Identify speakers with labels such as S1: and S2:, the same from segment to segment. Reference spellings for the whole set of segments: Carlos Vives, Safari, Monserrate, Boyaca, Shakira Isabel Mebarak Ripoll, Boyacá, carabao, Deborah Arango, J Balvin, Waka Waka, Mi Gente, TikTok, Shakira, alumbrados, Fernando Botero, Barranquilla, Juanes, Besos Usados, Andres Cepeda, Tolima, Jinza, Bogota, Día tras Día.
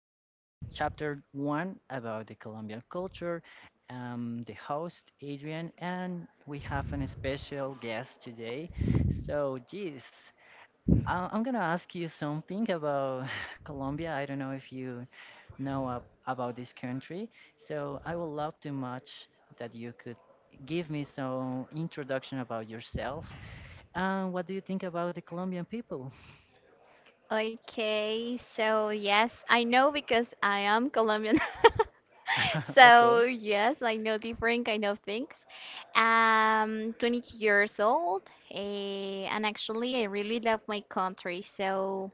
S1: Here's the chapter one about the Colombian culture. The host Adrian, and we have an special guest today. So, geez, I'm gonna ask you something about Colombia. I don't know if you know about this country. So, I would love too much that you could give me some introduction about yourself, and what do you think about the Colombian people?
S2: Okay, so yes, I know because I am Colombian.
S1: So, okay.
S2: So yes, I know different kind of things. 22 years old, and actually I really love my country. So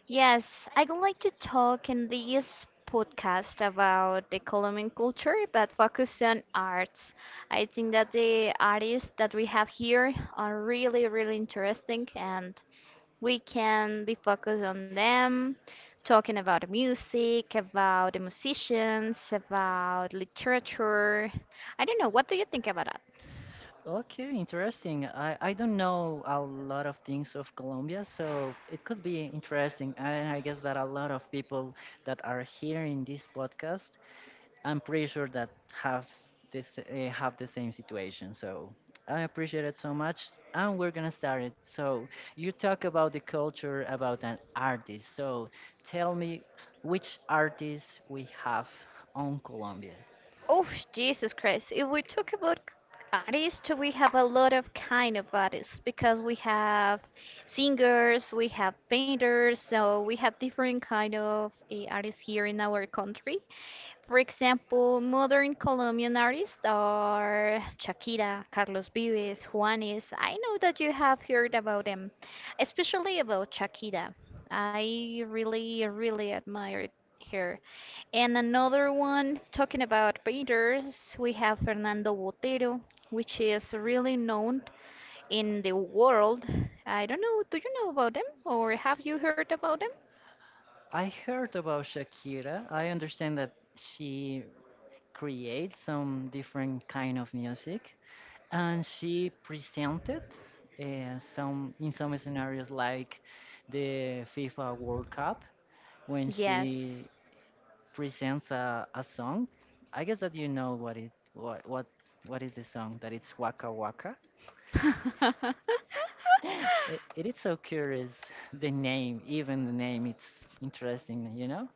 S2: yes, I would like to talk in this podcast about the Colombian culture, but focus on arts. I think that the artists that we have here are really, really interesting and we can be focused on them, talking about music, about the musicians, about literature. I don't know, what do you think about that?
S1: Okay, interesting. I don't know a lot of things of Colombia, so it could be interesting. And I guess that a lot of people that are here in this podcast, I'm pretty sure that has this have the same situation. So I appreciate it so much, and we're gonna start it. So you talk about the culture about an artist. So tell me which artists we have on Colombia.
S2: Oh, Jesus Christ. If we talk about artists, we have a lot of kind of artists because we have singers, we have painters, so we have different kind of artists here in our country. For example, modern Colombian artists are Shakira, Carlos Vives, Juanes. I know that you have heard about them, especially about Shakira. I really, really admired her. And another one, talking about painters, we have Fernando Botero, which is really known in the world. I don't know, do you know about them or have you heard about them?
S1: I heard about Shakira. I understand that she create some different kind of music, and she presented some scenarios like the FIFA World Cup when
S2: Yes.
S1: she presents a song. I guess that you know what is the song that it's Waka Waka. It is so curious the name, even the name it's interesting, you know?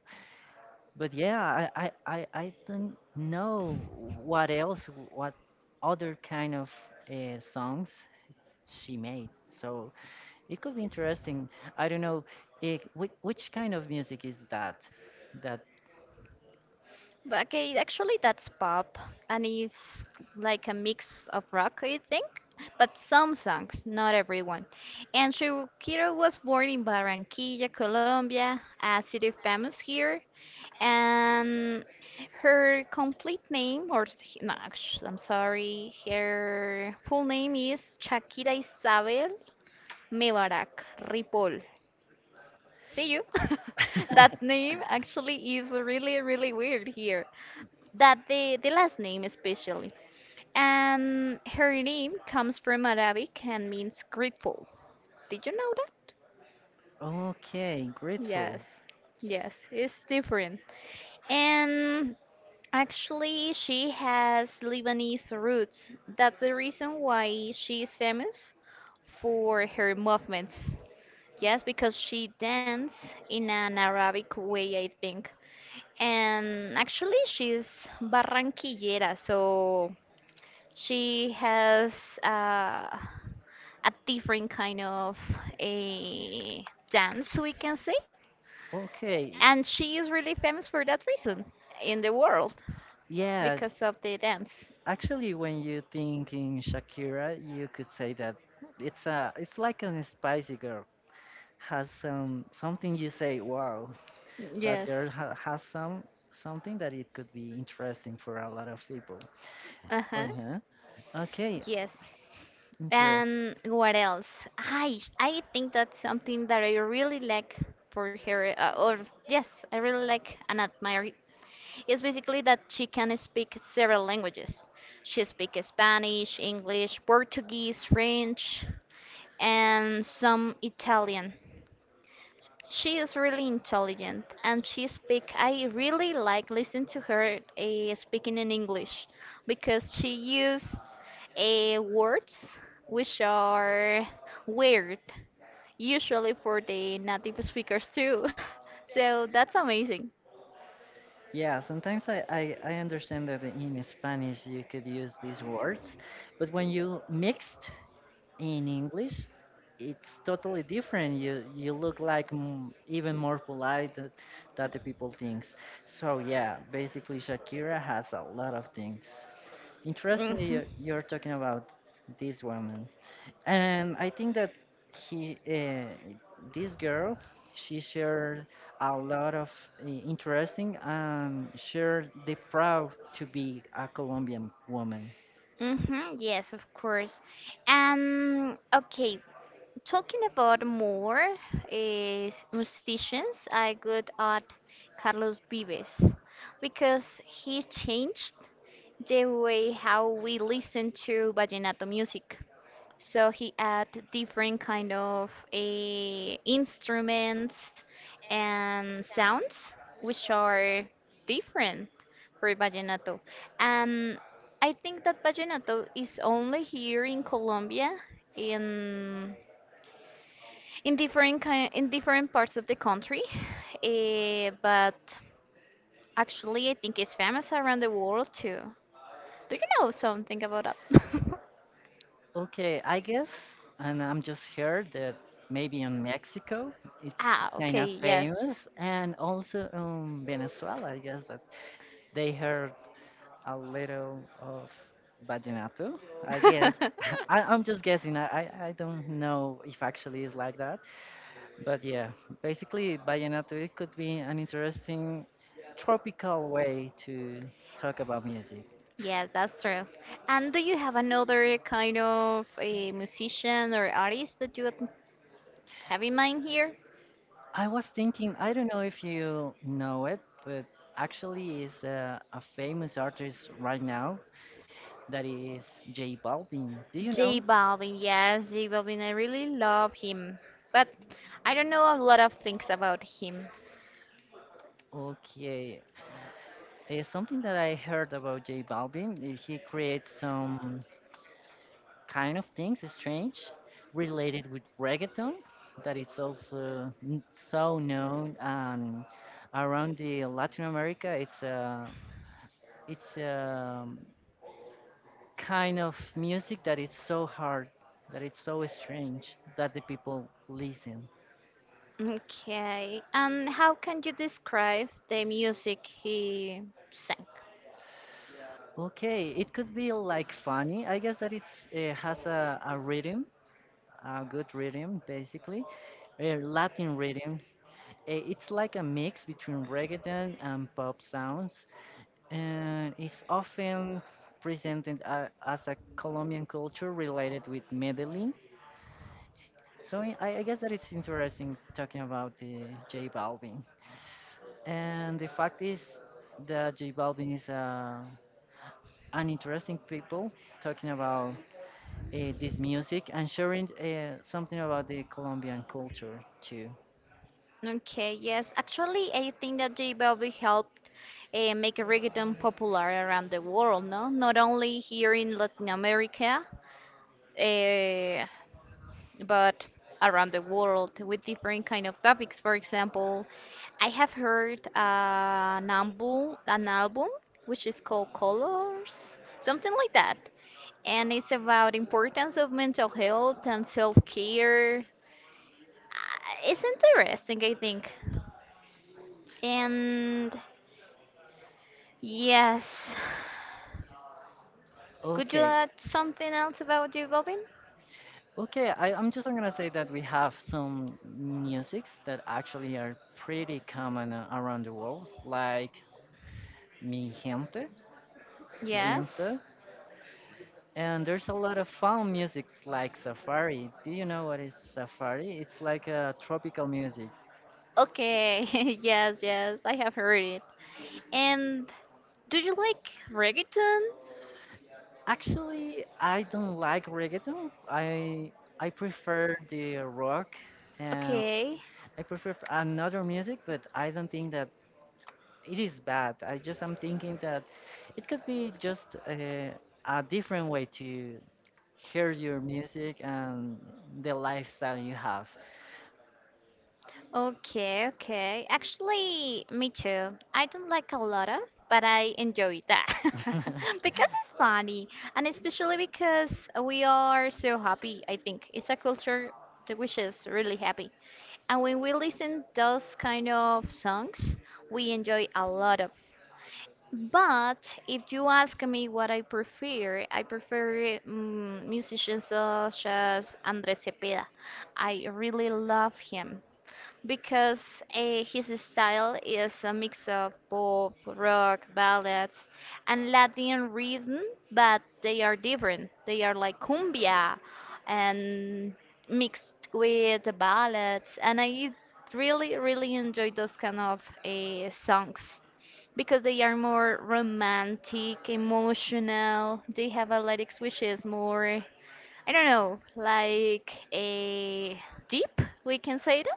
S1: But yeah, I don't know what else, what other kind of songs she made. So it could be interesting. I don't know. Which kind of music is that? That.
S2: But okay, actually that's pop, and it's like a mix of rock, I think. But some songs, not everyone. And Shukiro was born in Barranquilla, Colombia, a city famous here. And her complete name, or no, I'm sorry, her full name is Shakira Isabel Mebarak, Ripoll. See you. That name actually is really, really weird here. The last name especially. And her name comes from Arabic and means grateful. Did you know that?
S1: Okay,
S2: Yes.
S1: grateful.
S2: Yes, it's different. And actually she has Lebanese roots. That's the reason why she is famous for her movements. Yes, because she danced in an Arabic way, I think. And actually, she's Barranquillera, so she has a different kind of a dance, we can say.
S1: Okay,
S2: And she is really famous for that reason in the world
S1: yeah.
S2: because of the dance.
S1: Actually, when you think in Shakira, you could say that it's a, it's like an spicy girl. Has some something, you say, wow, that
S2: Yes.
S1: girl has some something that it could be interesting for a lot of people.
S2: Uh huh.
S1: Uh-huh. Okay.
S2: Yes.
S1: Interest.
S2: And what else? I think that's something that I really like for her, or yes, I really like and admire. Is basically that she can speak several languages. She speaks Spanish, English, Portuguese, French, and some Italian. She is really intelligent, and she speak I really like listen to her speaking in English because she use words which are weird usually for the native speakers too. So that's amazing.
S1: Yeah, sometimes I understand that in Spanish you could use these words, but when you mixed in English, it's totally different. You look like even more polite that, that the people thinks. So yeah, basically Shakira has a lot of things. Interestingly,
S2: Mhm.
S1: you're talking about this woman. And I think that he, uh, this girl, she shared a lot of interesting, and shared the proud to be a Colombian woman.
S2: Mhm. Yes, of course. And okay, talking about more is musicians, I would add Carlos Vives because he changed the way how we listen to vallenato music. So he add different kind of instruments and sounds which are different for vallenato. And I think that vallenato is only here in Colombia in in different kind, in different parts of the country, but actually I think it's famous around the world too. Do you know something about that?
S1: Okay, I guess, and I'm just heard that maybe in Mexico it's
S2: Ah,
S1: kind
S2: okay,
S1: of
S2: yes.
S1: famous, and also in Venezuela, I guess that they heard a little of vallenato. I guess I'm just guessing. I don't know if actually it's like that. But yeah, basically, vallenato it could be an interesting tropical way to talk about music.
S2: Yeah, that's true. And do you have another kind of a musician or artist that you have in mind here?
S1: I was thinking, I don't know if you know it, but actually, is a famous artist right now that is J Balvin. Do you
S2: J
S1: know?
S2: Balvin, yes, J Balvin. I really love him, but I don't know a lot of things about him.
S1: Okay, something that I heard about J Balvin. He creates some kind of things strange related with reggaeton that it's also so known, and around the Latin America it's a it's a kind of music that it's so hard, that it's so strange, that the people listen.
S2: Okay, and how can you describe the music he sang?
S1: Okay, it could be like funny. I guess that it's it has a rhythm, a good rhythm, basically a Latin rhythm. Eh, it's like a mix between reggaeton and pop sounds, and it's often presented as a Colombian culture related with Medellin. So I guess that it's interesting talking about the J Balvin. And the fact is that J Balvin is an interesting people talking about this music and sharing something about the Colombian culture too.
S2: Okay, yes, actually, I think that J Balvin helped make reggaeton popular around the world, no? Not only here in Latin America, uh, but around the world with different kind of topics. For example, I have heard an album which is called Colors, something like that, and it's about importance of mental health and self-care. It's interesting, I think. And yes, could you
S1: Okay.
S2: add something else about you, Bobin?
S1: Okay, I'm just gonna say that we have some musics that actually are pretty common around the world, like Mi Gente,
S2: Yes.
S1: Jinza, and there's a lot of fun musics like Safari. Do you know what is Safari? It's like a tropical music.
S2: Okay. Yes, yes, I have heard it. And do you like reggaeton?
S1: Actually, I don't like reggaeton. I prefer the rock, and
S2: Okay,
S1: I prefer another music, but I don't think that it is bad. I just am thinking that it could be just a different way to hear your music and the lifestyle you have.
S2: okay, okay. Actually, me too. I don't like a lot of, but I enjoy that because it's funny, and especially because we are so happy. I think it's a culture that which is really happy, and when we listen those kind of songs, we enjoy a lot of But if you ask me what I prefer musicians such as Andres Cepeda. I really love him because his style is a mix of pop, rock, ballads, and Latin rhythm, but they are different. They are like cumbia and mixed with the ballads, and I really, really enjoy those kind of songs because they are more romantic, emotional. They have athletics which is more, I don't know, like a deep, we can say that.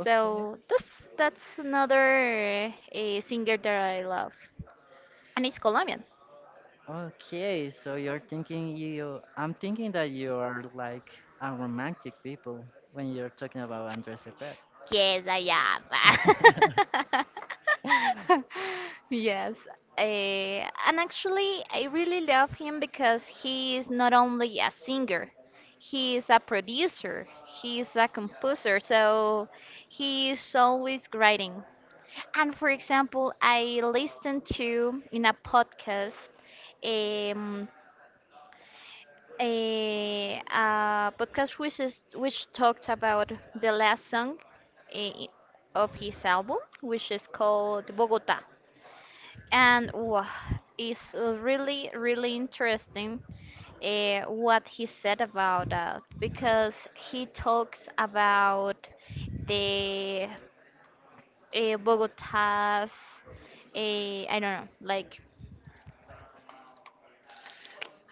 S1: Okay.
S2: this that's another singer that I love, and it's Colombian.
S1: Okay, so I'm thinking that you are like a romantic people when you're talking about Andres Cepeda.
S2: Yes, I am. Yes, and actually, I really love him because he is not only a singer, he is a producer, he is a composer, so he is always writing. And for example, I listened to in a podcast a podcast which talked about the last song eh, of his album, which is called Bogota, and wow, it's really really interesting what he said about that because he talks about the Bogota's I don't know like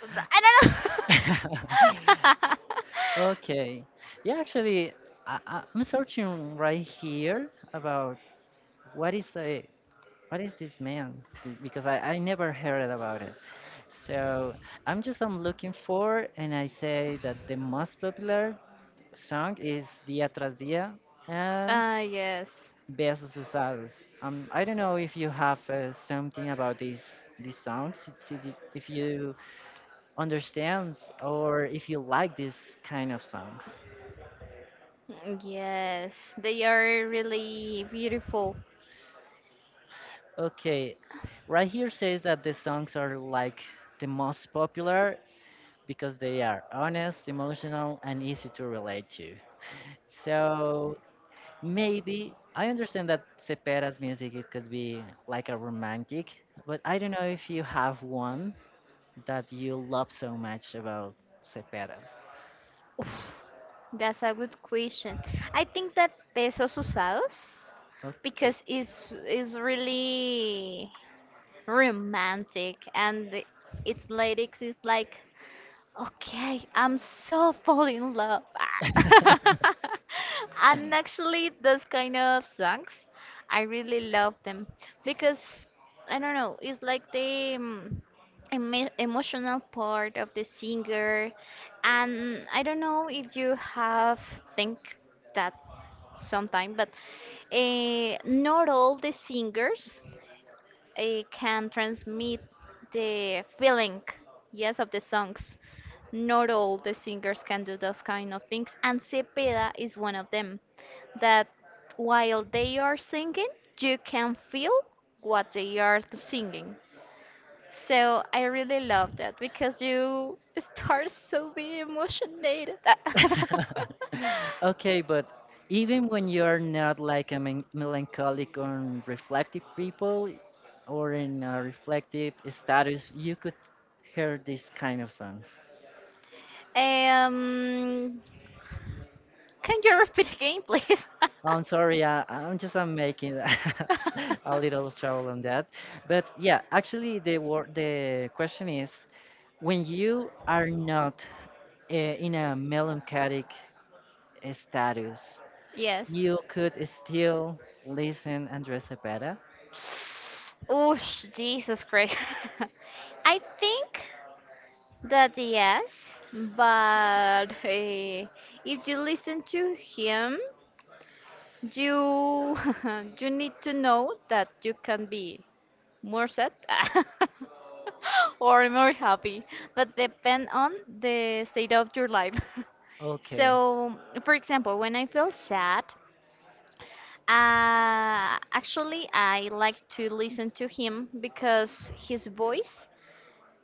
S2: I don't know.
S1: Okay. Yeah, actually, I'm searching right here about what is a what is this man. Because I never heard about it. So I'm looking for, and I say that the most popular song is Día tras Día, and
S2: Ah yes.
S1: Besos Usados. I don't know if you have something about these songs, if you if you understand, or if you like this kind of songs.
S2: Mm, yes, they are really beautiful.
S1: Okay, right here says that the songs are like the most popular because they are honest, emotional, and easy to relate to. So maybe I understand that Cepera's music it could be like a romantic, but I don't know if you have one that you love so much about Cepeda?
S2: Oof, that's a good question. I think that pesos usados
S1: Okay.
S2: because it's is really romantic, and its lyrics is like okay, I'm so fall in love. Ah. And actually, those kind of songs, I really love them because I don't know, it's like the emotional part of the singer. And I don't know if you have think that sometime, but not all the singers it can transmit the feeling, yes, of the songs. Not all the singers can do those kind of things, and Cepeda is one of them. That while they are singing, you can feel what they are singing. So I really love that because you start so be emotionated.
S1: Okay, but even when you're not like a melancholic or reflective people, or in a reflective status, you could hear these kind of songs.
S2: um, can you repeat again, please?
S1: Oh, I'm sorry, I, I'm just I'm making a little trouble on that. But yeah, actually the question is, when you are not in a melancholic status,
S2: Yes.
S1: you could still listen Andres Cepeda.
S2: Oosh, Jesus Christ. I think that yes, but if you listen to him, you you need to know that you can be more sad or more happy, but depend on the state of your life.
S1: Okay.
S2: So, for example, when I feel sad, actually I like to listen to him because his voice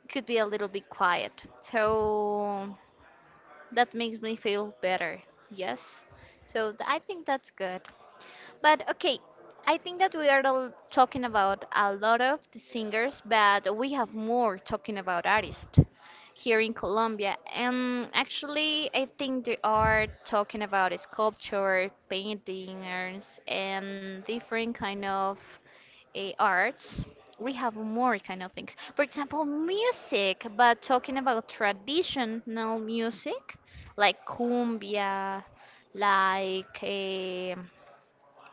S2: could be a little bit quiet. So that makes me feel better. Yes. So I think that's good. But okay, I think that we are all talking about a lot of the singers, but we have more talking about artists here in Colombia. And actually, I think they are talking about sculpture, paintings, and different kind of arts. We have more kind of things. For example, music, but talking about traditional music, like cumbia, like eh,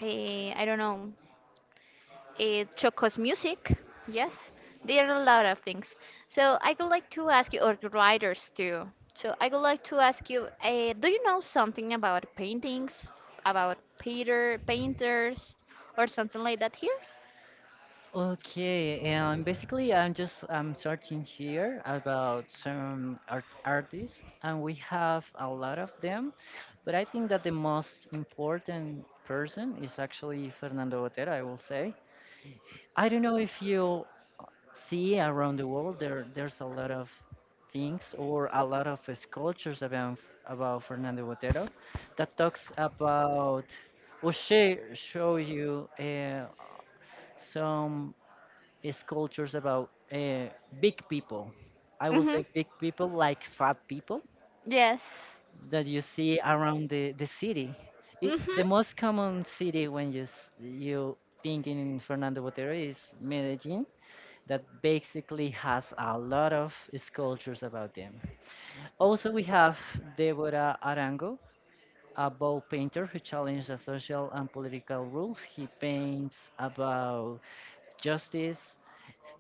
S2: eh, I don't know, Choco's music. Yes, there are a lot of things. So I would like to ask you, or the writers too. So I would like to ask you, do you know something about paintings, about Peter painters, or something like that here?
S1: Okay, and basically I'm searching here about some art artists, and we have a lot of them, but I think that the most important person is actually Fernando Botero, I will say. I don't know if you see around the world there's a lot of things or a lot of sculptures about Fernando Botero that talks about will share show you some sculptures about big people. I will
S2: Mhm.
S1: say big people like fat people
S2: Yes.
S1: that you see around the city. It,
S2: Mhm.
S1: the most common city when you you think in Fernando Botero is Medellin, that basically has a lot of sculptures about them. Also, we have Deborah Arango, a bow painter who challenged the social and political rules. He paints about justice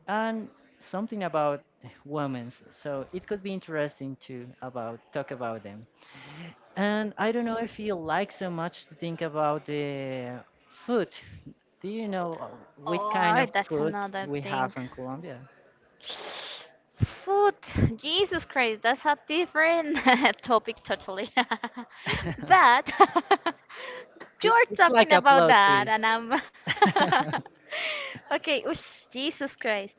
S1: and something about women's. So it could be interesting to about talk about them. And I don't know if you like so much to think about the food. Do you know what kind
S2: Oh,
S1: of
S2: that's
S1: food
S2: another
S1: we
S2: thing.
S1: have in Colombia?
S2: Food, Jesus Christ, that's a different topic totally. But
S1: It-
S2: you're
S1: It's like
S2: talking
S1: a
S2: about
S1: plot
S2: that,
S1: twist.
S2: and I'm okay. Oosh, Jesus Christ.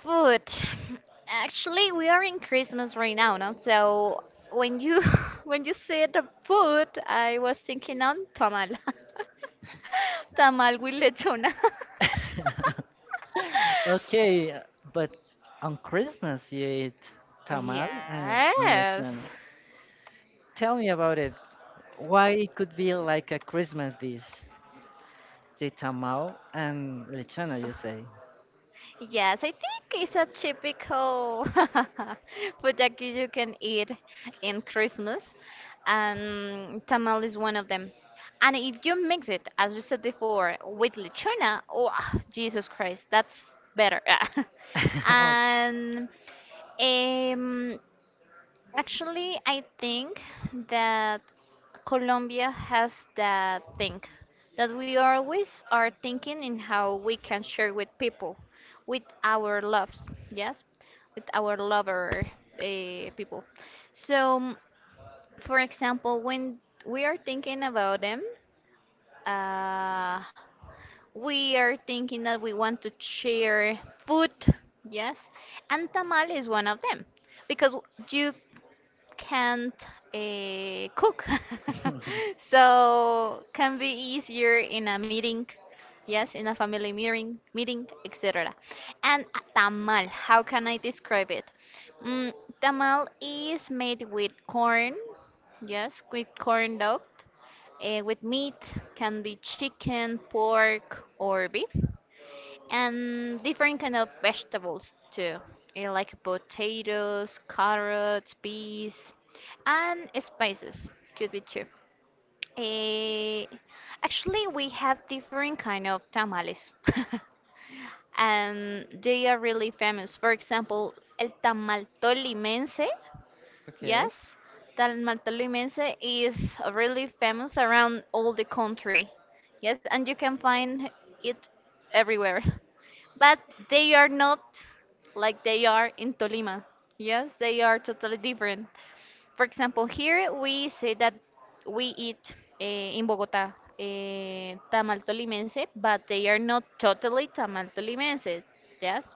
S2: Food. Actually, we are in Christmas right now, no? So when you when you said the food, I was thinking on tamal. Tamal with lechona.
S1: Okay, but on Christmas you eat tamal and
S2: Yes.
S1: lechon. Tell me about it. Why it could be like a Christmas dish, the tamal and lechona, you say?
S2: Yes, I think it's a typical food that you can eat in Christmas, and tamal is one of them. And if you mix it, as we said before, with lechona, oh, Jesus Christ, that's better.
S1: Oh,
S2: And um, actually, I think that Colombia has that thing that we always are thinking in how we can share with people, with our loves, yes, with our lover people. So, for example, when we are thinking about them, uh, we are thinking that we want to share food, yes, and tamal is one of them because you can't cook so can be easier in a meeting, yes, in a family meeting, etc. And a tamal, how can I describe it? mm, Tamal is made with corn, yes, with corn dough, with meat, can be chicken, pork, or beef, and different kind of vegetables too, like potatoes, carrots, peas, and spices could be too. Eh, actually we have different kind of tamales and they are really famous, for example el tamal tolimense.
S1: okay,
S2: Yes, Talmaltoluimense is really famous around all the country. Yes, and you can find it everywhere. But they are not like they are in Tolima. Yes, they are totally different. For example, here we say that we eat in Bogota tamal tolimense, but they are not totally tamal tolimense. Yes,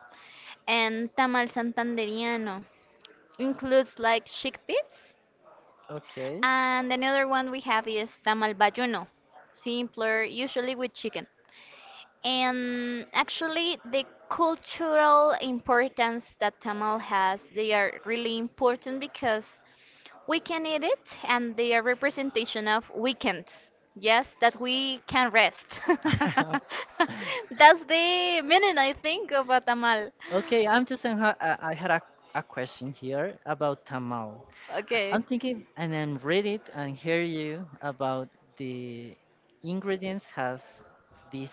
S2: and tamal santanderiano includes like chickpeas.
S1: okay,
S2: And another one we have is tamal bayuno, simpler, usually with chicken. And actually, the cultural importance that tamal has, they are really important because we can eat it and they are representation of weekends. Yes, that we can rest. That's the meaning, I think, of a tamal.
S1: okay. I'm just saying, I had a question here about tamal.
S2: Okay.
S1: I'm thinking, and I'm read it and hear you about the ingredients has this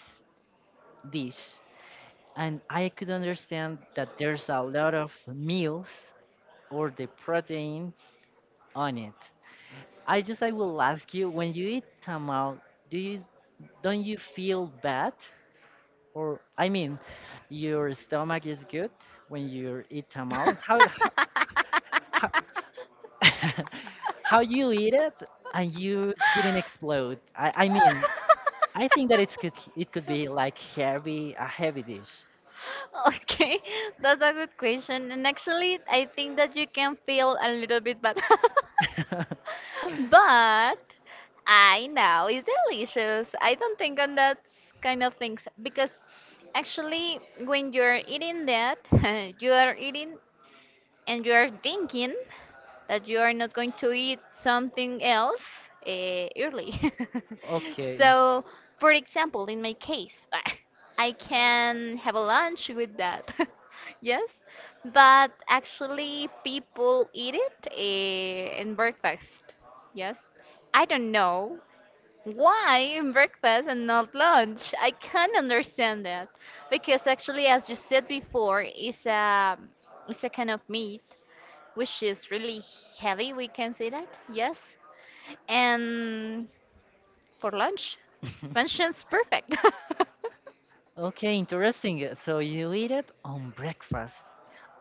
S1: dish, and I could understand that there's a lot of meals or the proteins on it. I just I will ask you, when you eat tamal, do you don't you feel bad? Or I mean, your stomach is good when you eat tamal. How, how you eat it and you didn't explode. I mean, I think that it's could it could be like heavy, a heavy dish.
S2: Okay, that's a good question. And actually, I think that you can feel a little bit bad. But I know it's delicious. I don't think on that kind of things because actually when you're eating that, you are eating and you are thinking that you are not going to eat something else early.
S1: Okay.
S2: So, for example, in my case, I can have a lunch with that. Yes, but actually, people eat it in breakfast. Yes, I don't know why in breakfast and not lunch. I can't understand that because actually, as you said before, it's a kind of meat which is really heavy, we can say that, yes. And for lunch,
S1: okay.
S2: functions perfect.
S1: Okay, interesting. So you eat it on breakfast.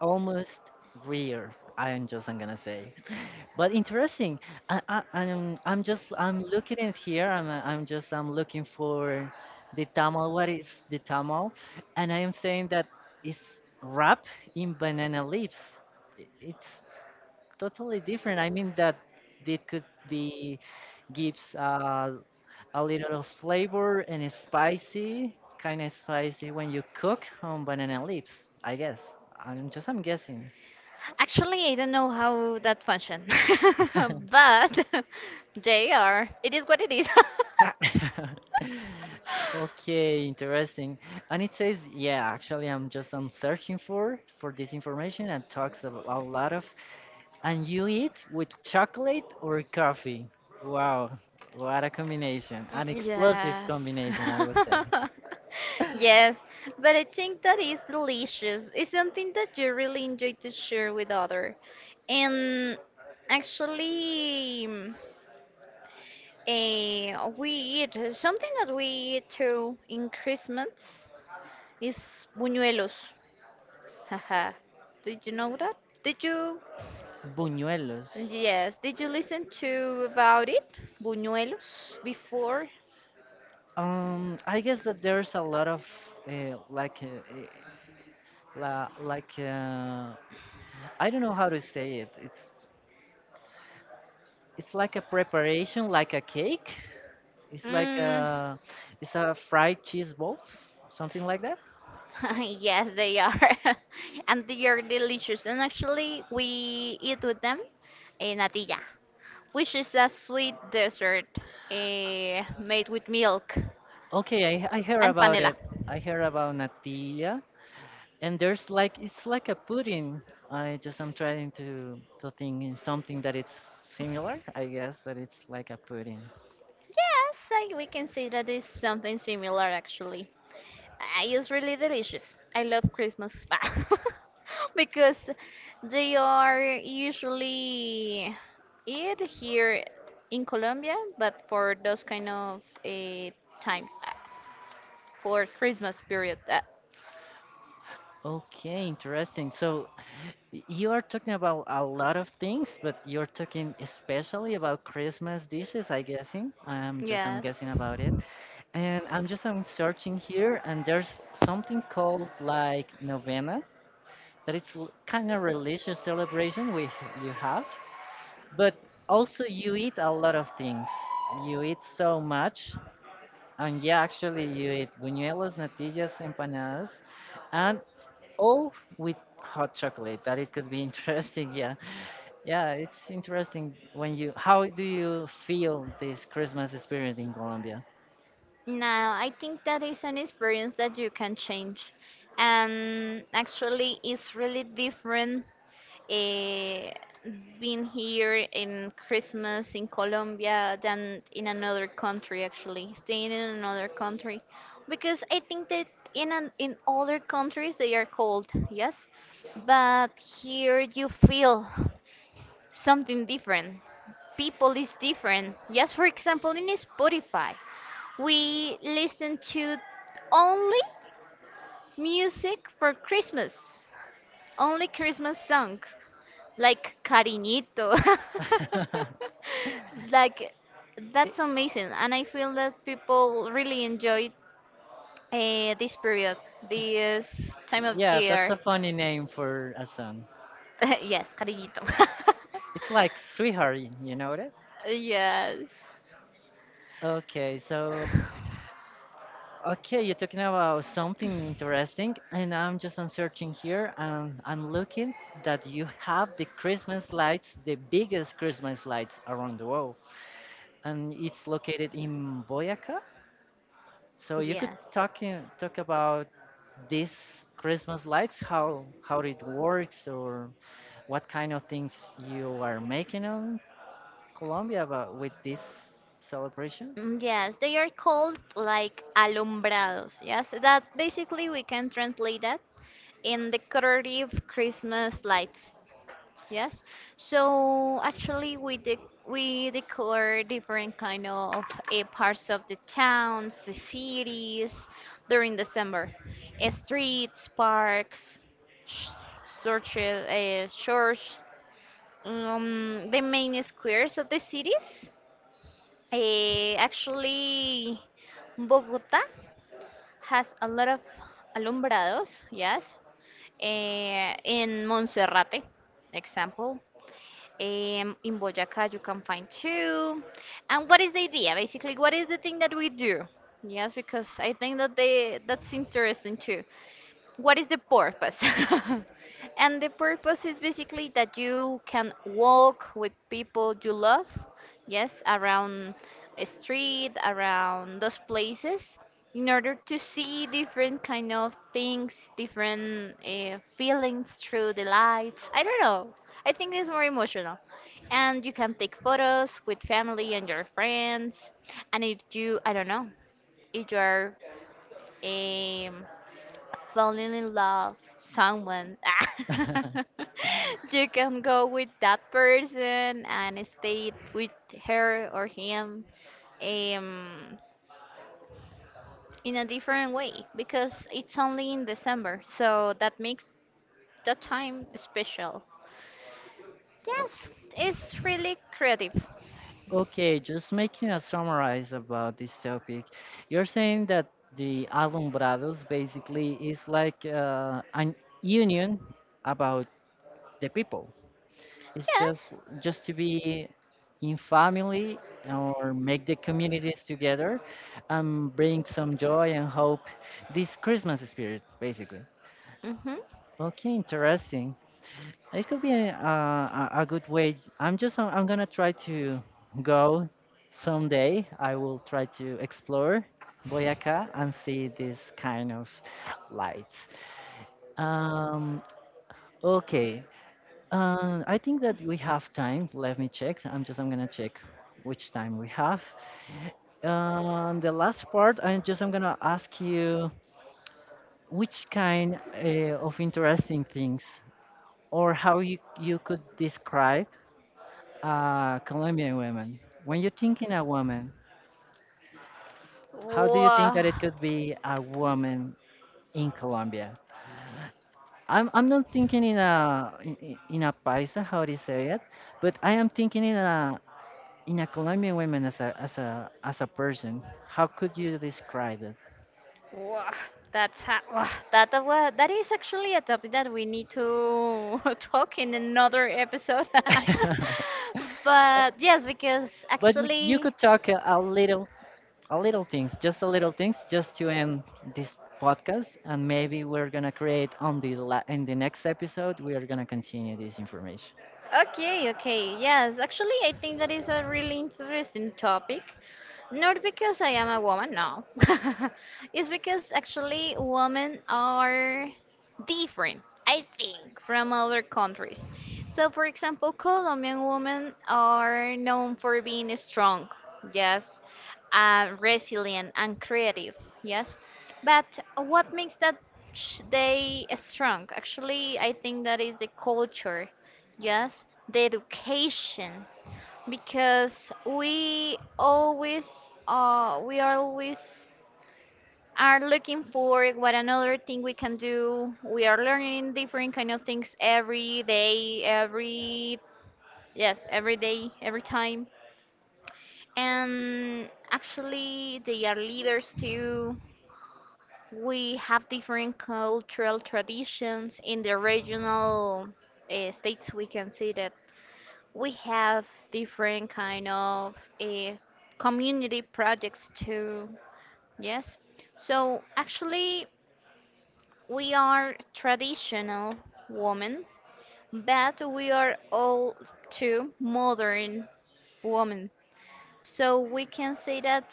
S1: Almost rare, I'm gonna say. But interesting. I'm looking at here. I'm looking for the tamal. What is the tamal? And I am saying that it's wrapped in banana leaves. It's totally different. I mean that it could be gives a little of flavor, and it's spicy, kind of spicy when you cook on banana leaves, I guess. I'm guessing.
S2: Actually, I don't know how that function, but they are. It is what it is.
S1: Okay, interesting. And it says, yeah, actually I'm searching for this information, and talks about a lot of, and you eat with chocolate or coffee. Wow, what a combination.
S2: Mm,
S1: An explosive
S2: yes.
S1: combination, I would say.
S2: Yes, but I think that is delicious. It's something that you really enjoy to share with other. And actually, we eat something that we eat too in Christmas is buñuelos. Haha. Did you know that? Did you?
S1: Buñuelos.
S2: Yes. Did you listen to about it? Buñuelos before?
S1: I guess that there's a lot of like eh, la, like I don't know how to say it. It's like a preparation, like a cake. It's like
S2: Mm,
S1: a it's a fried cheese balls, something like that.
S2: yes, they are, and they are delicious. And actually, we eat with them a natilla, which is a sweet dessert made with milk
S1: Okay, I heard
S2: and
S1: about
S2: panela.
S1: it. I heard about natilla, and there's like it's like a pudding. I'm trying to think in something that it's similar. I guess that it's like a pudding.
S2: Yes, I, we can say that is something similar actually. It's really delicious. I love Christmas because they are usually eat here in Colombia, but for those kind of times for Christmas period.
S1: Okay, interesting. So Y- you are talking about a lot of things, but you're talking especially about Christmas dishes, I guessing. I'm
S2: Yes.
S1: guessing about it, and I'm searching here, and there's something called like novena, that it's kind of religious celebration we you have, but also you eat a lot of things. You eat so much, and yeah, actually you eat buñuelos, natillas, empanadas, and, oh, with hot chocolate. That it could be interesting. Yeah. Yeah, it's interesting when you. How do you feel this Christmas experience in Colombia?
S2: No, I think that is an experience that you can change. And actually, it's really different eh, being here in Christmas in Colombia than in another country, actually, staying in another country. Because I think that in other countries they are cold, yes? But here you feel something different, people is different. Yes, for example, in Spotify. We listen to only music for Christmas. Only Christmas songs like Cariñito. Like
S1: It-
S2: that's amazing and I feel that people really enjoy this period, this time of
S1: yeah, that's
S2: year.
S1: a funny name for a song.
S2: Yes, Cariñito.
S1: It's like Sweetheart, you know that?
S2: Yes.
S1: Okay, so Okay, you're talking about something interesting, and I'm just on searching here, and I'm looking that you have the Christmas lights, the biggest Christmas lights around the world, and it's located in Boyaca. So you could
S2: Yes.
S1: talk about these Christmas lights, how it works, or what kind of things you are making on Colombia about with these celebrations.
S2: Mm, yes, they are called like alumbrados. Yes, that basically we can translate that in decorative Christmas lights. Yes, so actually we decor different kind of parts of the towns, the cities during December. Streets, parks, sh- churches, church, the main squares of the cities. Actually, Bogota has a lot of alumbrados, yes. In Monserrate, example. In Boyacá, you can find two. And what is the idea? Basically, what is the thing that we do? Yes, because I think that they, that's interesting too, what is the purpose? And the purpose is basically that you can walk with people you love, yes, around a street, around those places, in order to see different kind of things, different feelings through the lights. I don't know. I think it's more emotional. And you can take photos with family and your friends. And if you, I don't know, if you are falling in love someone, you can go with that person and stay with her or him, um, in a different way because it's only in December, so that makes the time special, yes. It's really creative.
S1: Okay, just making a summarize about this topic. You're saying that the alumbrados basically is like an union about the people. It's just
S2: Yes.
S1: just to be in family or make the communities together and bring some joy and hope this Christmas spirit, basically.
S2: Mm-hmm.
S1: Okay, interesting. It could be a good way. I'm gonna try to go someday. I will try to explore Boyaca and see this kind of lights. Um, okay. I think that we have time. Let me check. I'm gonna check which time we have. The last part. I'm gonna ask you which kind of interesting things or how you could describe Colombian women. When you're thinking a woman, how do you think that it
S2: Wow.
S1: could be a woman in Colombia? I'm not thinking in a paisa, how do you say it, but I am thinking in a Colombian woman as a person. How could you describe it?
S2: Wow, that's wow, that is actually a topic that we need to talk in another episode. But yes, because
S1: But we, you
S2: actually.
S1: could talk a little things, just a little things, just to end this podcast. And maybe we're gonna create on the in the next episode, we are gonna continue this information.
S2: Okay, okay. Yes, actually, I think that is a really interesting topic. Not because I am a woman, no. It's because actually women are different, I think, from other countries. So, for example, Colombian women are known for being strong, yes, resilient and creative, yes. But what makes that they strong? Actually, I think that is the culture. Yes, the education, because we always we are always are looking for what another thing we can do. We are learning different kind of things every day, every, yes, every day, every time. And actually they are leaders too. We have different cultural traditions in the regional states, we can see that we have different kind of uh, community projects too, yes. So actually we are traditional women, but we are all too modern women, so we can say that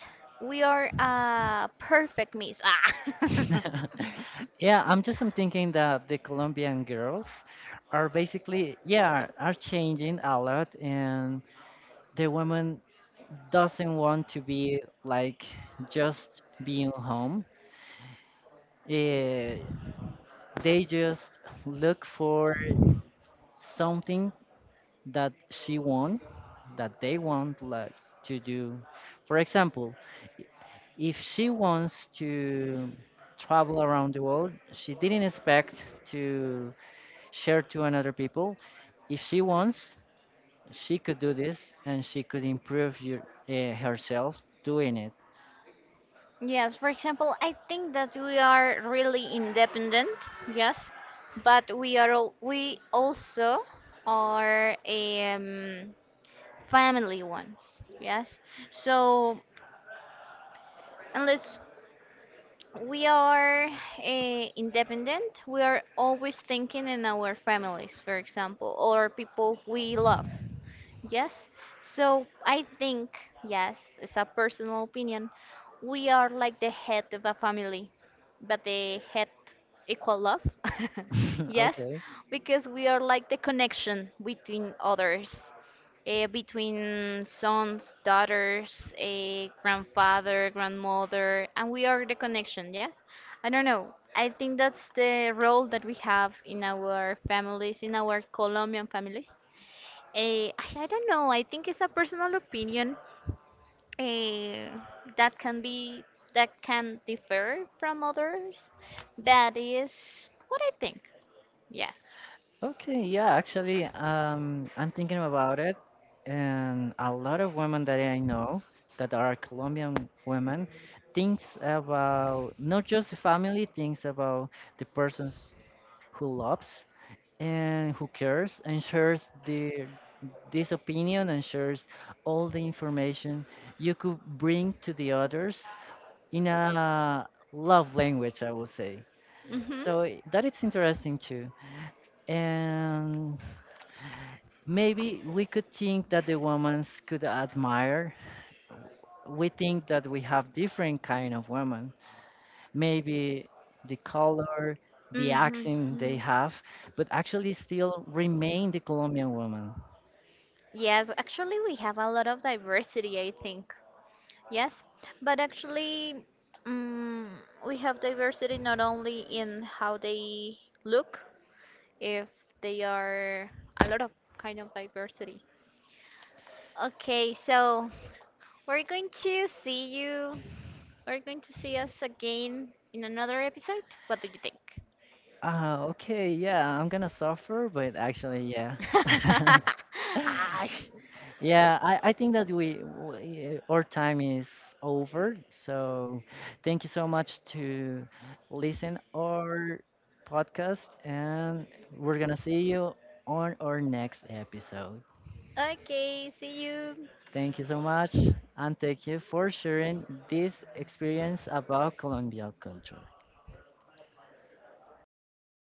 S2: we are a perfect mix. Ah.
S1: Yeah, I'm thinking that the Colombian girls are basically, yeah, are changing a lot, and the woman doesn't want to be like just being home. Eh, they just look for something that she want that they want like to do, for example, i- if she wants to travel around the world, she didn't expect to share to another people. If she wants, she could do this and she could improve your, herself doing it.
S2: Yes, for example, I think that we are really independent, yes, but we also are family ones, yes. So unless we are independent, we are always thinking in our families, for example, or people we love, yes. So I think, yes, it's a personal opinion. We are like the head of a family, but the head equal love. Yes,
S1: Okay.
S2: because we are like the connection between others, between sons, daughters, a grandfather, grandmother, and we are the connection, yes? I don't know. I think that's the role that we have in our families, in our Colombian families. I don't know. I think it's a personal opinion eh, that can be, that can differ from others. That is what I think. Yes.
S1: Okay, yeah, actually, I'm thinking about it, and a lot of women that I know that are Colombian women thinks about not just the family, thinks about the persons who loves and who cares and shares their this opinion and shares all the information you could bring to the others in a love language, I would say.
S2: Mhm.
S1: So that it's interesting too. And maybe we could think that the women could admire. We think that we have different kind of women. Maybe the color, the
S2: Mhm.
S1: accent they have, but actually still remain the Colombian woman.
S2: Yes, actually, we have a lot of diversity, I think. Yes, but actually, mm we have diversity not only in how they look, if they are a lot of kind of diversity. Okay, so we're going to see you. We're going to see us again in another episode. What do you think?
S1: Ah, okay, yeah, I'm gonna suffer, but actually, yeah.
S2: Ash.
S1: Yeah, I think that we our time is over. So thank you so much to listen our podcast, and we're gonna see you on our next episode.
S2: Okay, see you.
S1: Thank you so much, and thank you for sharing this experience about Colombian culture.